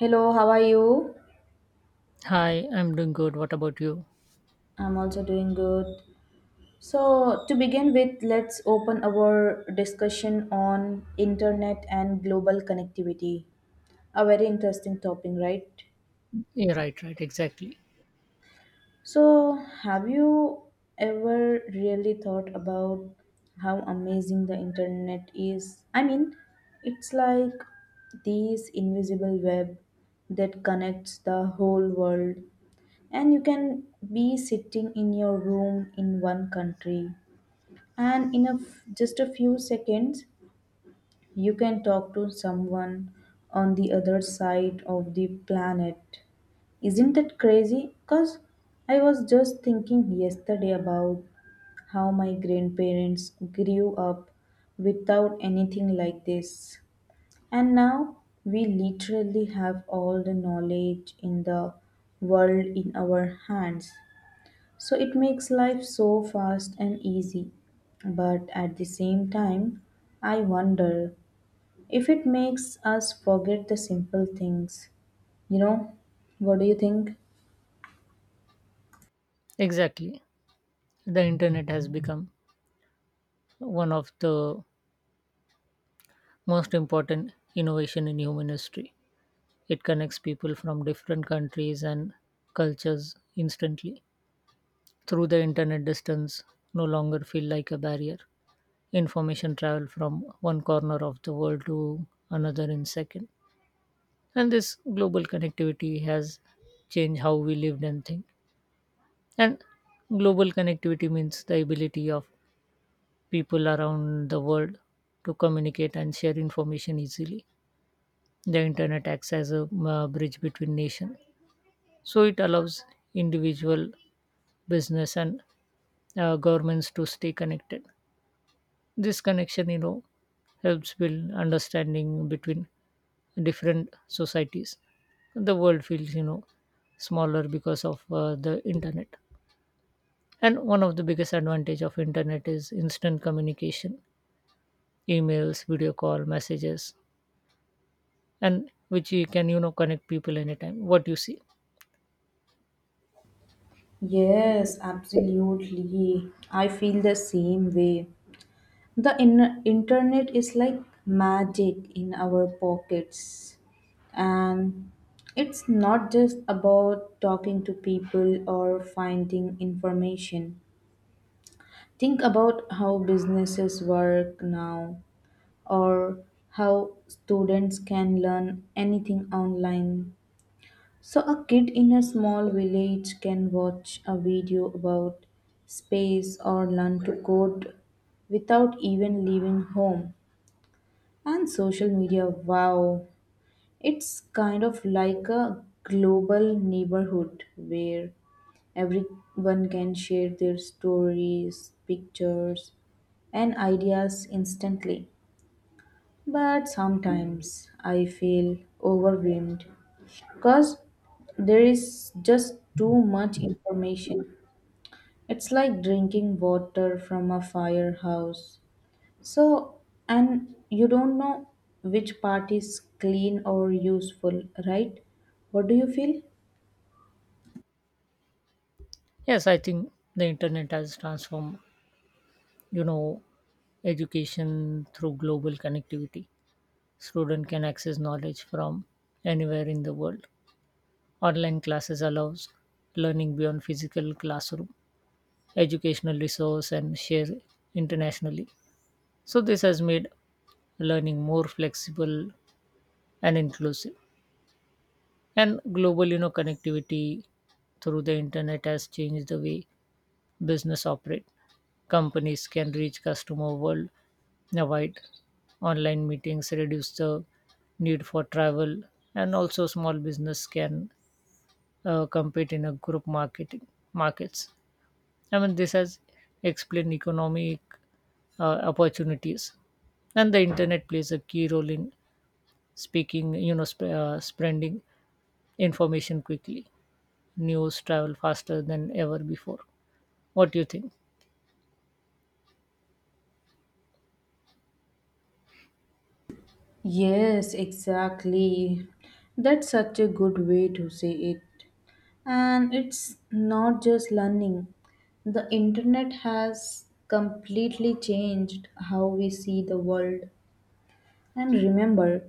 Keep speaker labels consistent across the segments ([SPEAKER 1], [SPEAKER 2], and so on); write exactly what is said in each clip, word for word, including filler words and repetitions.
[SPEAKER 1] Hello, how are you?
[SPEAKER 2] Hi, I'm doing good. What about you?
[SPEAKER 1] I'm also doing good. So, to begin with, let's open our discussion on internet and global connectivity. A very interesting topic, right?
[SPEAKER 2] Yeah, right, right, exactly.
[SPEAKER 1] So, have you ever really thought about how amazing the internet is? I mean, it's like this invisible web that connects the whole world, and you can be sitting in your room in one country, and in a f- just a few seconds you can talk to someone on the other side of the planet. Isn't that crazy? Because I was just thinking yesterday about how my grandparents grew up without anything like this. And now we literally have all the knowledge in the world in our hands. So it makes life so fast and easy. But at the same time, I wonder if it makes us forget the simple things. You know, what do you think?
[SPEAKER 2] Exactly. The internet has become one of the most important innovation in human history. It connects people from different countries and cultures instantly. Through the internet distance no longer feel like a barrier. Information travel from one corner of the world to another in second. And this global connectivity has changed how we lived and think. And global connectivity means the ability of people around the world to communicate and share information easily. The internet acts as a uh, bridge between nations, so it allows individual, business, and uh, governments to stay connected. This connection, you know, helps build understanding between different societies. The world feels, you know, smaller because of uh, the internet. And one of the biggest advantage of internet is instant communication, emails, video call, messages, and which you can you know connect people anytime. What you see?
[SPEAKER 1] Yes, absolutely. I feel the same way. The in- internet is like magic in our pockets. And it's not just about talking to people or finding information. Think about how businesses work now, or how students can learn anything online. So, a kid in a small village can watch a video about space or learn to code without even leaving home. And social media, wow, it's kind of like a global neighborhood where everyone can share their stories, pictures, and ideas instantly. But sometimes I feel overwhelmed because there is just too much information. It's like drinking water from a firehouse. So, and you don't know which part is clean or useful, right? What do you feel?
[SPEAKER 2] Yes, I think the internet has transformed you know education through global connectivity. Student can access knowledge from anywhere in the world. Online classes allows learning beyond physical classroom, educational resource, and share internationally. So this has made learning more flexible and inclusive. And global, you know, connectivity through the internet has changed the way business operate. Companies can reach customer world wide. Online meetings reduce the need for travel, and also small business can uh, compete in a group marketing markets. I mean, this has explained economic uh, opportunities, and the internet plays a key role in speaking, you know, sp- uh, spreading information quickly. News travel faster than ever before. What do you think?
[SPEAKER 1] Yes, exactly. That's such a good way to say it. And it's not just learning. The internet has completely changed how we see the world. And remember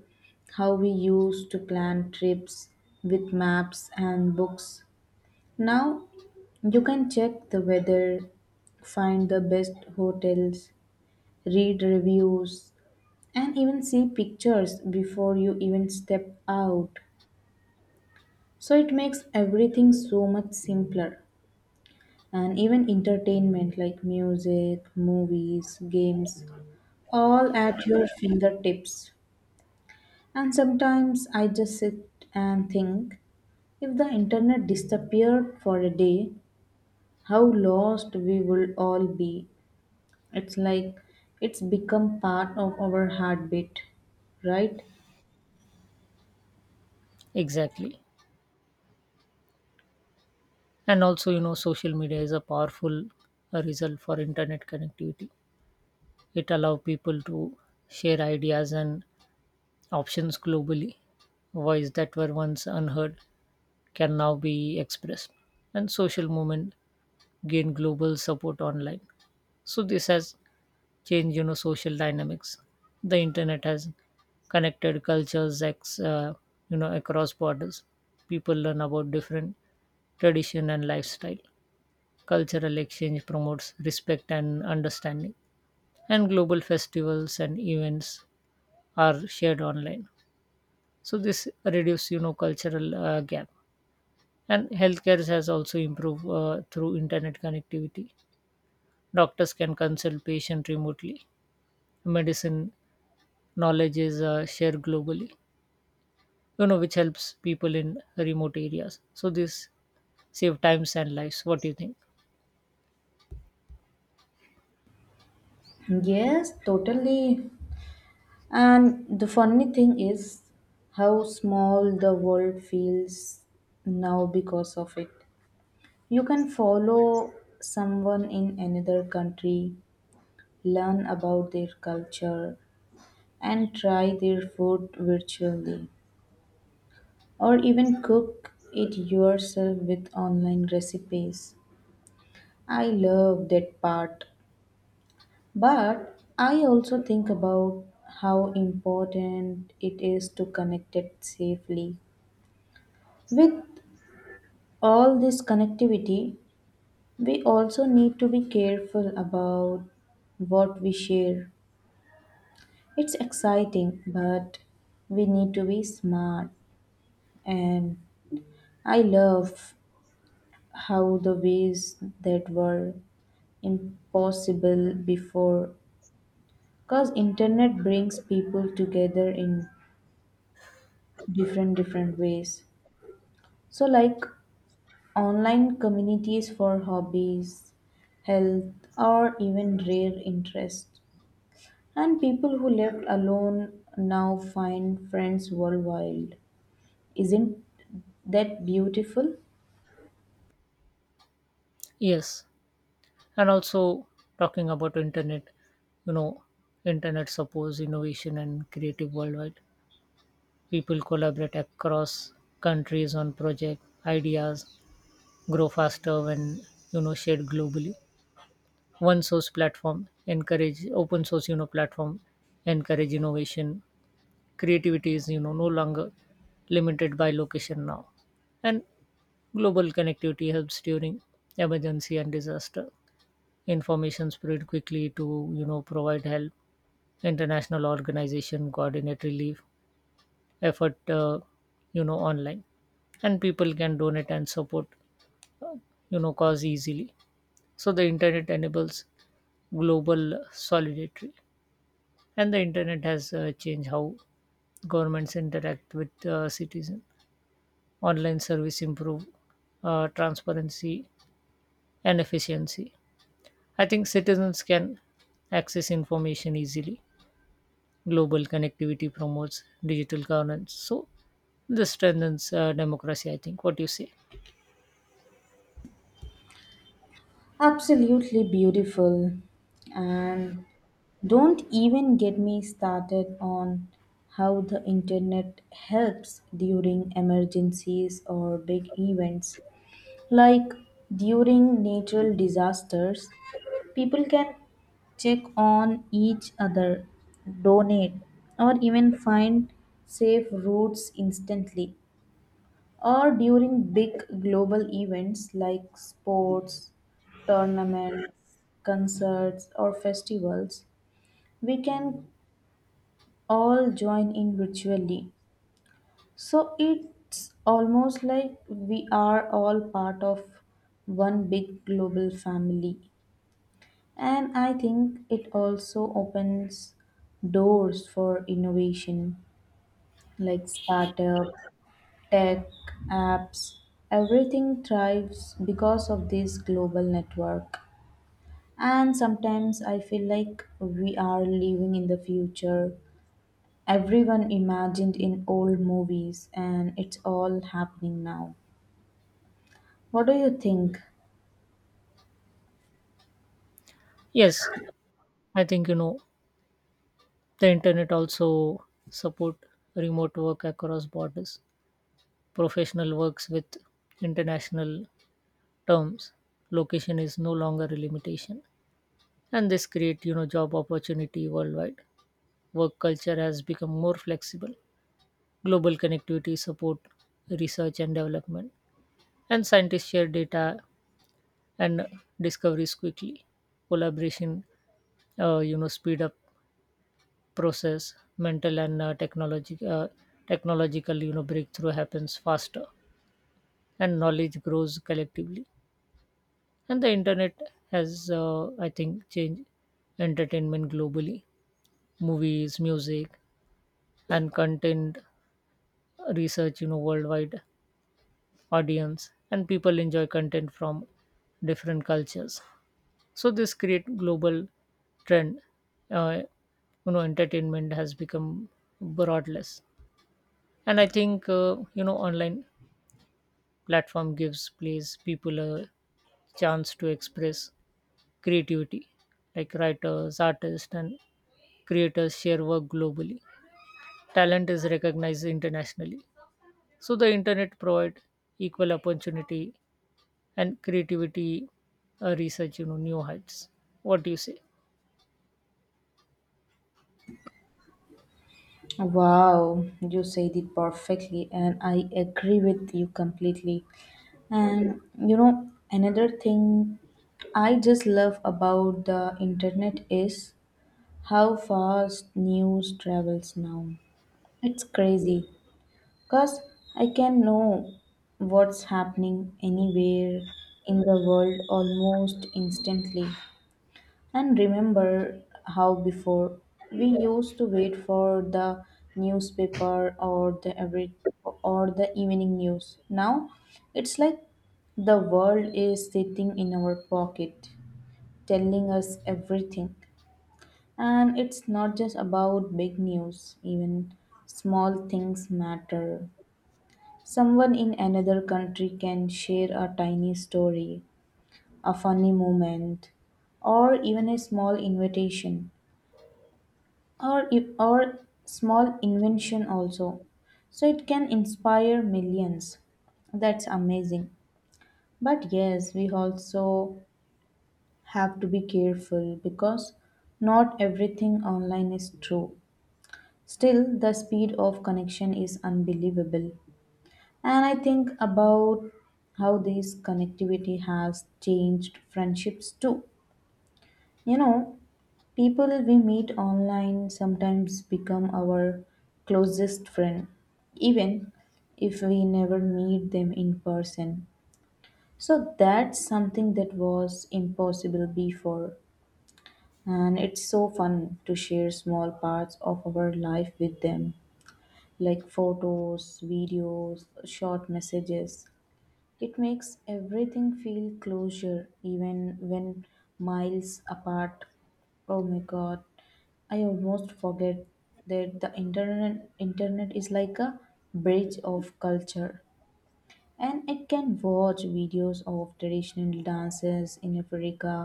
[SPEAKER 1] how we used to plan trips with maps and books. Now you can check the weather, find the best hotels, read reviews, and even see pictures before you even step out. So it makes everything so much simpler. And even entertainment like music, movies, games, all at your fingertips. And sometimes I just sit and think, if the internet disappeared for a day, how lost we would all be. It's like it's become part of our heartbeat, right?
[SPEAKER 2] Exactly. And also, you know, social media is a powerful uh, result for internet connectivity. It allows people to share ideas and options globally. Voice that were once unheard can now be expressed. And social movement gain global support online. So this has change you know social dynamics. The internet has connected cultures ex, uh, you know across borders. People learn about different tradition and lifestyle. Cultural exchange promotes respect and understanding, and global festivals and events are shared online. So this reduces you know cultural uh, gap. And healthcare has also improved uh, through internet connectivity. Doctors can consult patient remotely. Medicine knowledge is uh, shared globally, you know which helps people in remote areas. So this save times and lives. What do you think?
[SPEAKER 1] Yes, totally. And the funny thing is how small the world feels now because of it. You can follow someone in another country, learn about their culture, and try their food virtually, or even cook it yourself with online recipes. I love that part. But I also think about how important it is to connect it safely. With all this connectivity, we also need to be careful about what we share. It's exciting, but we need to be smart. And I love how the ways that were impossible before, because internet brings people together in different different ways. So, like online communities for hobbies, health, or even rare interests. And people who left alone now find friends worldwide. Isn't that beautiful?
[SPEAKER 2] Yes, and also talking about internet, you know internet supports innovation and creative worldwide. People collaborate across countries on project. Ideas grow faster when you know shared globally. One source platform encourage open source, you know platform encourage innovation. Creativity is you know no longer limited by location now. And global connectivity helps during emergency and disaster. Information spread quickly to you know provide help. International organization coordinate relief effort uh, you know online, and people can donate and support uh, you know cause easily. So the internet enables global solidarity, and the internet has uh, changed how governments interact with uh, citizens. Online service improve uh, transparency and efficiency. I think citizens can access information easily. Global connectivity promotes digital governance. So this strengthens uh, democracy, I think. What do you say?
[SPEAKER 1] Absolutely beautiful. And don't even get me started on how the internet helps during emergencies or big events. Like during natural disasters, people can check on each other, donate, or even find safe routes instantly. Or during big global events like sports, tournaments, concerts, or festivals, we can all join in virtually, so it's almost like we are all part of one big global family. And I think it also opens doors for innovation like startup, tech, apps. Everything thrives because of this global network. And sometimes I feel like we are living in the future. Everyone imagined in old movies, and it's all happening now. What do you think?
[SPEAKER 2] Yes, I think, you know, the internet also support remote work across borders. Professional works with international terms. Location is no longer a limitation. And this create, you know, job opportunity worldwide. Work culture has become more flexible. Global connectivity support research and development, and scientists share data and discoveries quickly. Collaboration uh, you know speed up process mental, and uh, technology, uh, technological, you know breakthrough happens faster, and knowledge grows collectively. And the internet has, uh, I think, changed entertainment globally. Movies, music, and content, uh, research, you know worldwide audience, and people enjoy content from different cultures. So this create global trend. uh, you know entertainment has become broadless. And I think, uh, you know online platform gives place people a chance to express creativity, like writers, artists, and creators share work globally. Talent is recognized internationally. So the internet provide equal opportunity and creativity, uh, research, you know new heights. What do you say?
[SPEAKER 1] Wow, you said it perfectly, and I agree with you completely. And you know, another thing I just love about the internet is how fast news travels now. It's crazy because I can know what's happening anywhere in the world almost instantly. And remember how before we used to wait for the newspaper or the every or the evening news. Now it's like the world is sitting in our pocket, telling us everything. And it's not just about big news, even small things matter. Someone in another country can share a tiny story, a funny moment, or even a small invitation, or if or small invention also, so it can inspire millions. That's amazing. But yes, we also have to be careful because not everything online is true. Still, the speed of connection is unbelievable. And I think about how this connectivity has changed friendships too, you know. People we meet online sometimes become our closest friend, even if we never meet them in person. So that's something that was impossible before, and it's so fun to share small parts of our life with them, like photos, videos, short messages. It makes everything feel closure even when miles apart. Oh my god, I almost forget that the internet internet is like a bridge of culture, and it can watch videos of traditional dances in Africa,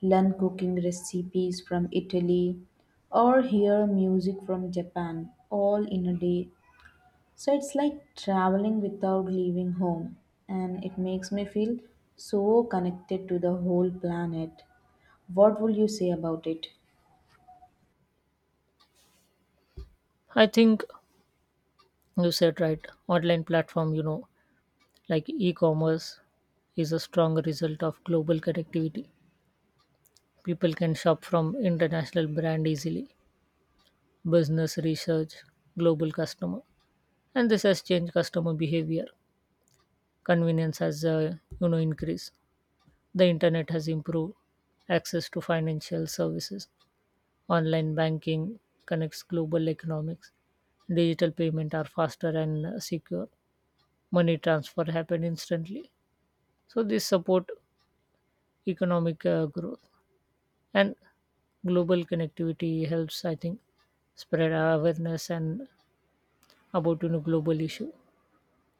[SPEAKER 1] learn cooking recipes from Italy, or hear music from Japan all in a day. So it's like traveling without leaving home, and it makes me feel so connected to the whole planet. What would you say about it?
[SPEAKER 2] I think you said right, online platform, you know, like e-commerce is a strong result of global connectivity. People can shop from international brand easily, business research, global customer, and this has changed customer behavior. Convenience has uh, you know increased. The internet has improved access to financial services. Online banking connects global economics. Digital payment are faster and uh, secure. Money transfer happen instantly. So this support economic uh, growth. And global connectivity helps, I think, spread our awareness and about you know global issue,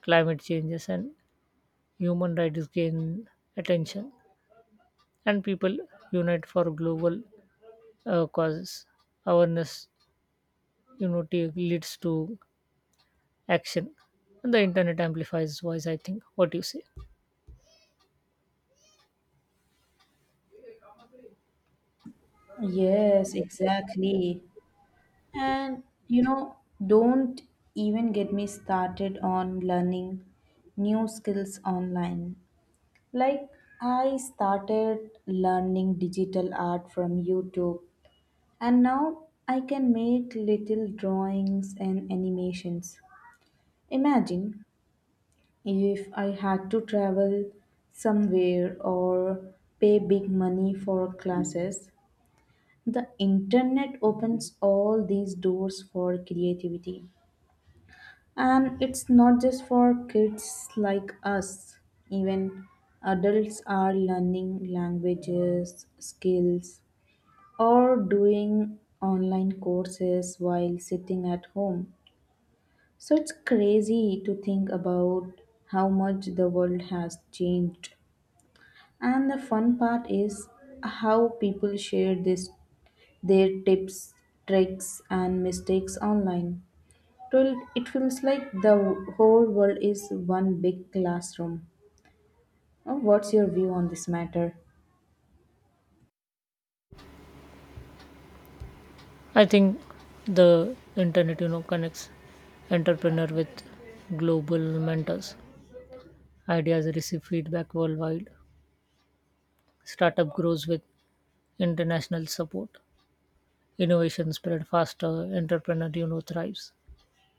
[SPEAKER 2] climate changes, and human rights gain attention, and people unite for global uh, causes. Awareness unity leads to action, and the internet amplifies voice, I think. What do you say?
[SPEAKER 1] Yes, exactly. And you know, don't even get me started on learning new skills online. Like, I started learning digital art from YouTube, and now I can make little drawings and animations. Imagine if I had to travel somewhere or pay big money for classes. The internet opens all these doors for creativity. And it's not just for kids like us, even adults are learning languages, skills, or doing online courses while sitting at home. So it's crazy to think about how much the world has changed. And the fun part is how people share this their tips, tricks and mistakes online. So it feels like the whole world is one big classroom. Uh, What's your view on this matter?
[SPEAKER 2] I think the internet you know connects entrepreneur with global mentors. Ideas receive feedback worldwide. Startup grows with international support. Innovation spread faster. Entrepreneur, you know thrives.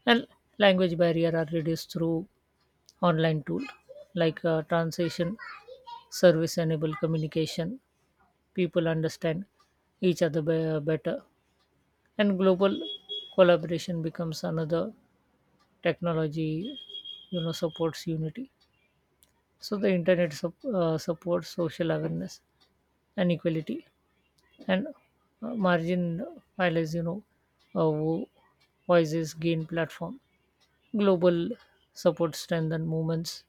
[SPEAKER 2] And language barrier are reduced through online tool, like uh, translation service enable communication. People understand each other be- better. And global collaboration becomes another technology, you know supports unity. So the internet sup- uh, supports social awareness and equality, and uh, margin filers, you know, uh, wo- voices gain platform. Global support strengthen movements.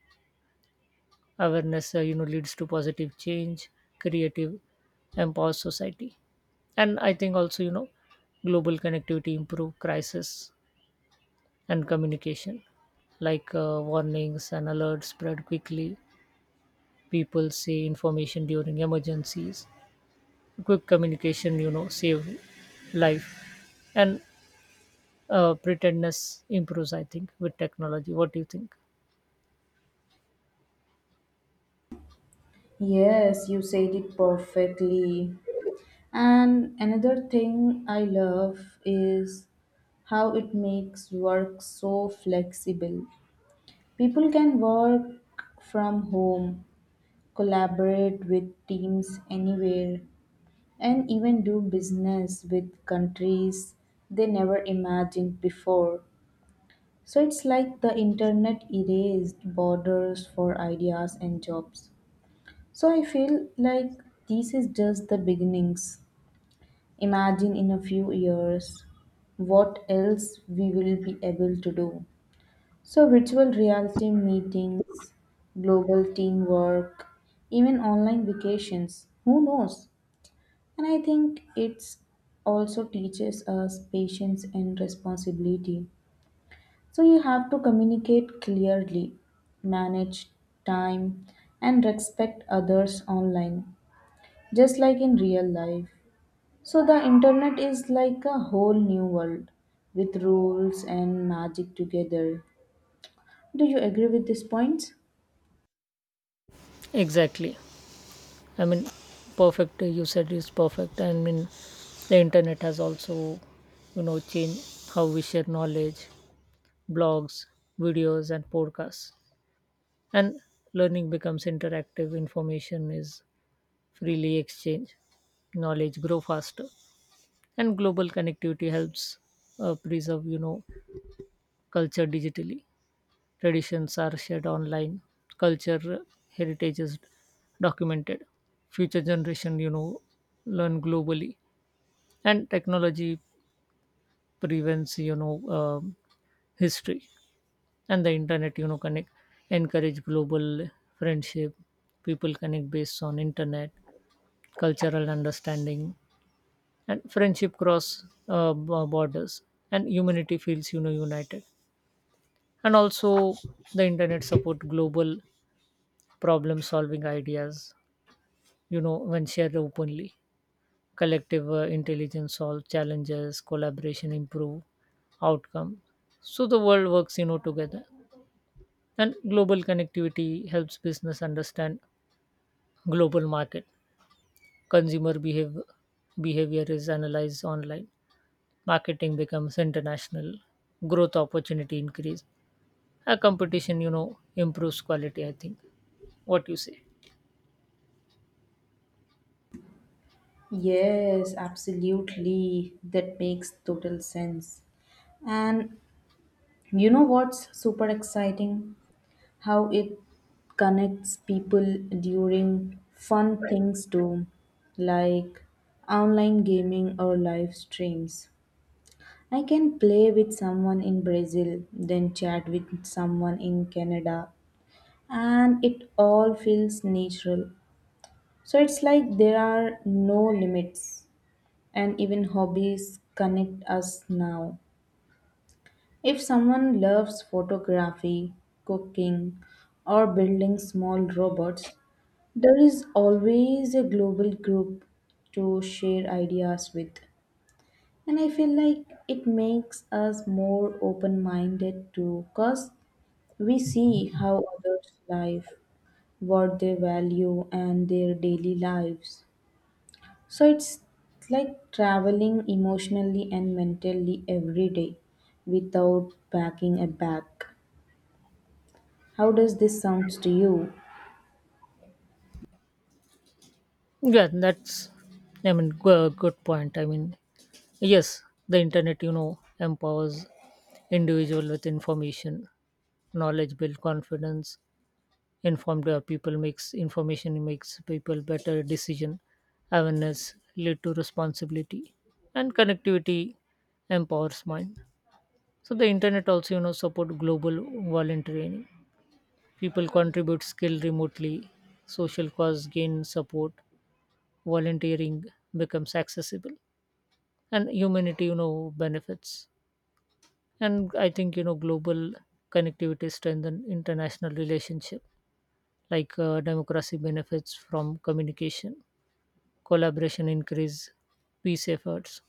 [SPEAKER 2] Awareness, uh, you know, leads to positive change, creative, empower society. And I think also, you know, global connectivity improve crisis and communication, like uh, warnings and alerts spread quickly. People see information during emergencies. Quick communication, you know, save life. And uh, pretendness improves, I think, with technology. What do you think?
[SPEAKER 1] Yes, you said it perfectly. And another thing I love is how it makes work so flexible. People can work from home, collaborate with teams anywhere, and even do business with countries they never imagined before. So it's like the internet erased borders for ideas and jobs. So I feel like this is just the beginnings. Imagine in a few years what else we will be able to do. So, virtual reality meetings, global teamwork, even online vacations. Who knows? And I think it's also teaches us patience and responsibility. So you have to communicate clearly, manage time, and respect others online, just like in real life. So the internet is like a whole new world with rules and magic together. Do you agree with these points?
[SPEAKER 2] Exactly. I mean, perfect. uh, you said it's perfect. I mean, the internet has also, you know changed how we share knowledge, blogs, videos, and podcasts, and learning becomes interactive. Information is freely exchanged, knowledge grow faster, and global connectivity helps uh, preserve, you know culture digitally. Traditions are shared online, culture heritage is documented, future generation, you know, learn globally, and technology prevents, you know, um, history. And the internet, you know, connect encourage global friendship. People connect based on internet, cultural understanding, and friendship cross uh, b- borders, and humanity feels, you know, united. And also the internet support global problem solving. Ideas, you know when shared openly, collective uh, intelligence solve challenges. Collaboration improve outcome. So the world works, you know together. And global connectivity helps business understand global market, consumer behavior. Behavior is analyzed online, marketing becomes international, growth opportunity increase, a competition, you know improves quality, I think. What you say?
[SPEAKER 1] Yes, absolutely. That makes total sense. And you know what's super exciting? How it connects people during fun things too, like online gaming or live streams. I can play with someone in Brazil, then chat with someone in Canada, and it all feels natural. So it's like there are no limits, and even hobbies connect us now. If someone loves photography, cooking, or building small robots, there is always a global group to share ideas with. And I feel like it makes us more open minded too, because we see how others live, what they value, and their daily lives. So it's like traveling emotionally and mentally every day without packing a bag. How does this sounds to you?
[SPEAKER 2] Yeah, that's, I mean, go- good point. I mean, yes, the internet, you know, empowers individual with information. Knowledge build confidence. Informed uh, people makes information makes people better decision. Awareness lead to responsibility, and connectivity empowers mind. So the internet also, you know, support global volunteering. People contribute skill remotely. Social cause gain support. Volunteering becomes accessible, and humanity, you know, benefits. And I think, you know global connectivity strengthens international relationship, like uh, democracy benefits from communication. Collaboration increase peace efforts.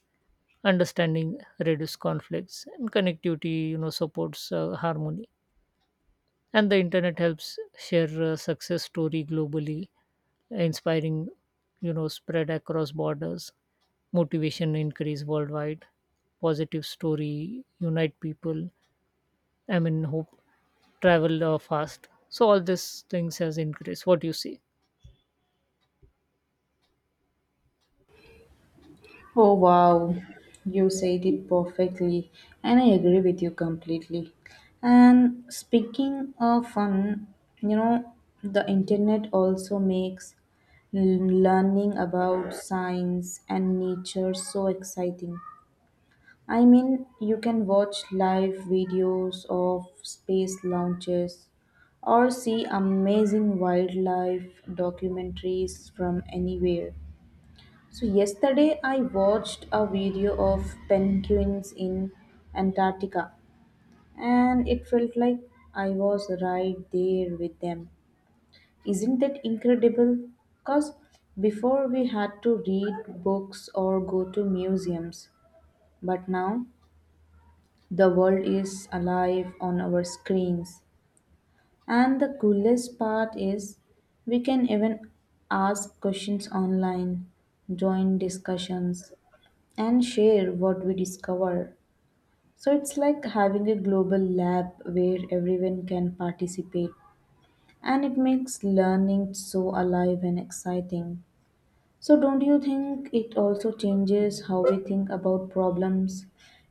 [SPEAKER 2] Understanding reduce conflicts, and connectivity, you know supports uh, harmony. And the internet helps share uh, success story globally. Inspiring, you know spread across borders. Motivation increase worldwide. Positive story unite people. I mean, hope travel uh, fast. So all these things has increased. What do you see?
[SPEAKER 1] Oh wow, you said it perfectly, and I agree with you completely. And speaking of fun, you know, the internet also makes l- learning about science and nature so exciting. I mean, you can watch live videos of space launches or see amazing wildlife documentaries from anywhere. So yesterday I watched a video of penguins in Antarctica, and it felt like I was right there with them. Isn't that incredible? Cause before we had to read books or go to museums, but now the world is alive on our screens. And the coolest part is we can even ask questions online, join discussions, and share what we discover. So it's like having a global lab where everyone can participate, and it makes learning so alive and exciting. So don't you think it also changes how we think about problems?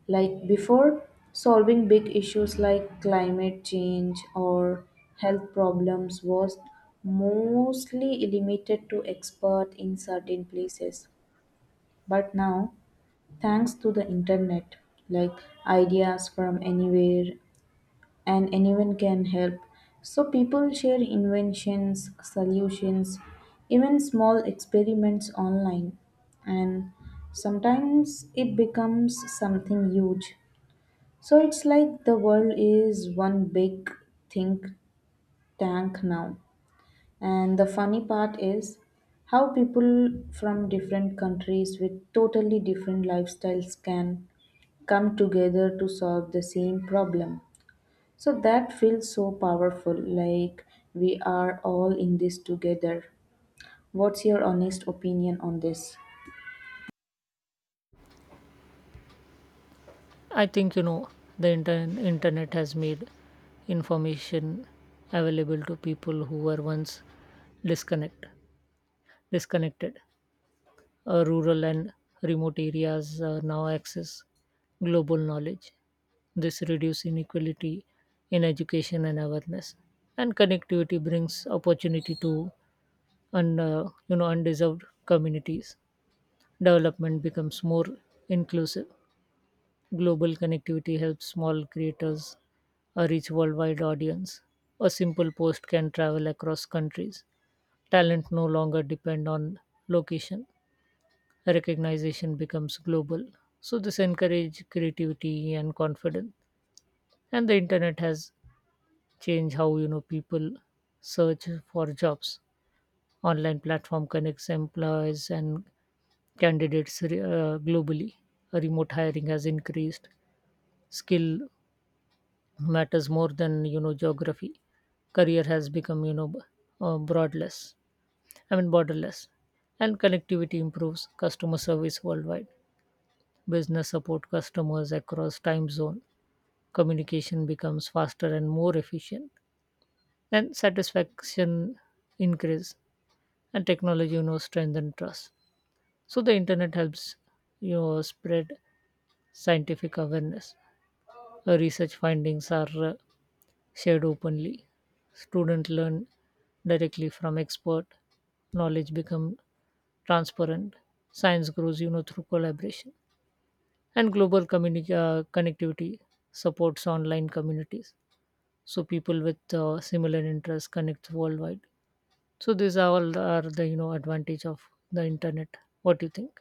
[SPEAKER 1] Like before, solving big issues like climate change or health problems was mostly limited to experts in certain places. But now, thanks to the internet, like ideas from anywhere, and anyone can help. So, people share inventions, solutions, even small experiments online, and sometimes it becomes something huge. So, it's like the world is one big think tank now. And the funny part is how people from different countries with totally different lifestyles can come together to solve the same problem. So that feels so powerful, like we are all in this together. What's your honest opinion on this?
[SPEAKER 2] I think, you know the inter- internet has made information available to people who were once disconnect disconnected. Uh, rural and remote areas uh, now access global knowledge. This reduces inequality in education and awareness, and connectivity brings opportunity to un, uh, you know undeserved communities. Development becomes more inclusive. Global connectivity helps small creators uh, reach worldwide audience. A simple post can travel across countries. Talent no longer depend on location. Recognition becomes global. So this encourage creativity and confidence. And the internet has changed how, you know people search for jobs. Online platform connects employees and candidates uh, globally. Remote hiring has increased. Skill matters more than, you know geography. Career has become, you know b- uh, broadless I mean borderless. And connectivity improves customer service worldwide. Business support customers across time zone. Communication becomes faster and more efficient, and satisfaction increase, and technology, you know strengthen trust. So the internet helps, you know spread scientific awareness. Uh, research findings are uh, shared openly. Students learn directly from expert. Knowledge become transparent. Science grows, you know, through collaboration. And global communi- uh, connectivity supports online communities. So people with uh, similar interests connect worldwide. So these are all are the, you know advantage of the internet. What do you think?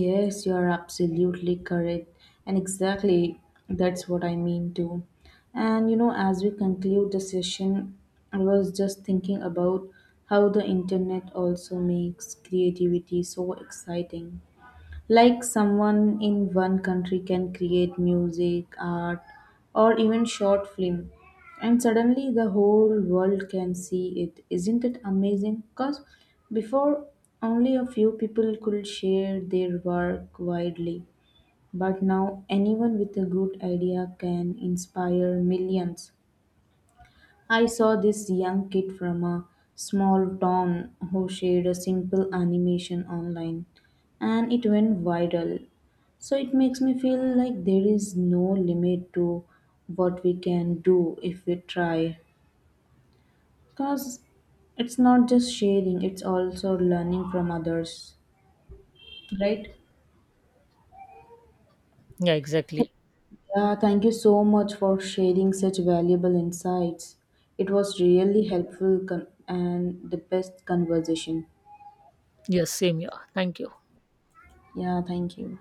[SPEAKER 1] Yes, you are absolutely correct. And exactly that's what I mean too. And you know, as we conclude the session, I was just thinking about how the internet also makes creativity so exciting. Like someone in one country can create music, art, or even short film, and suddenly the whole world can see it. Isn't it amazing? Because before, only a few people could share their work widely, but now anyone with a good idea can inspire millions. I saw this young kid from a small town who shared a simple animation online, and it went viral. So it makes me feel like there is no limit to what we can do if we try. Because it's not just sharing, it's also learning from others, right?
[SPEAKER 2] Yeah,
[SPEAKER 1] Th-
[SPEAKER 2] exactly.
[SPEAKER 1] Yeah, thank you so much for sharing such valuable insights. It was really helpful con- and the best conversation.
[SPEAKER 2] Yes, same here. Thank you.
[SPEAKER 1] Yeah, thank you.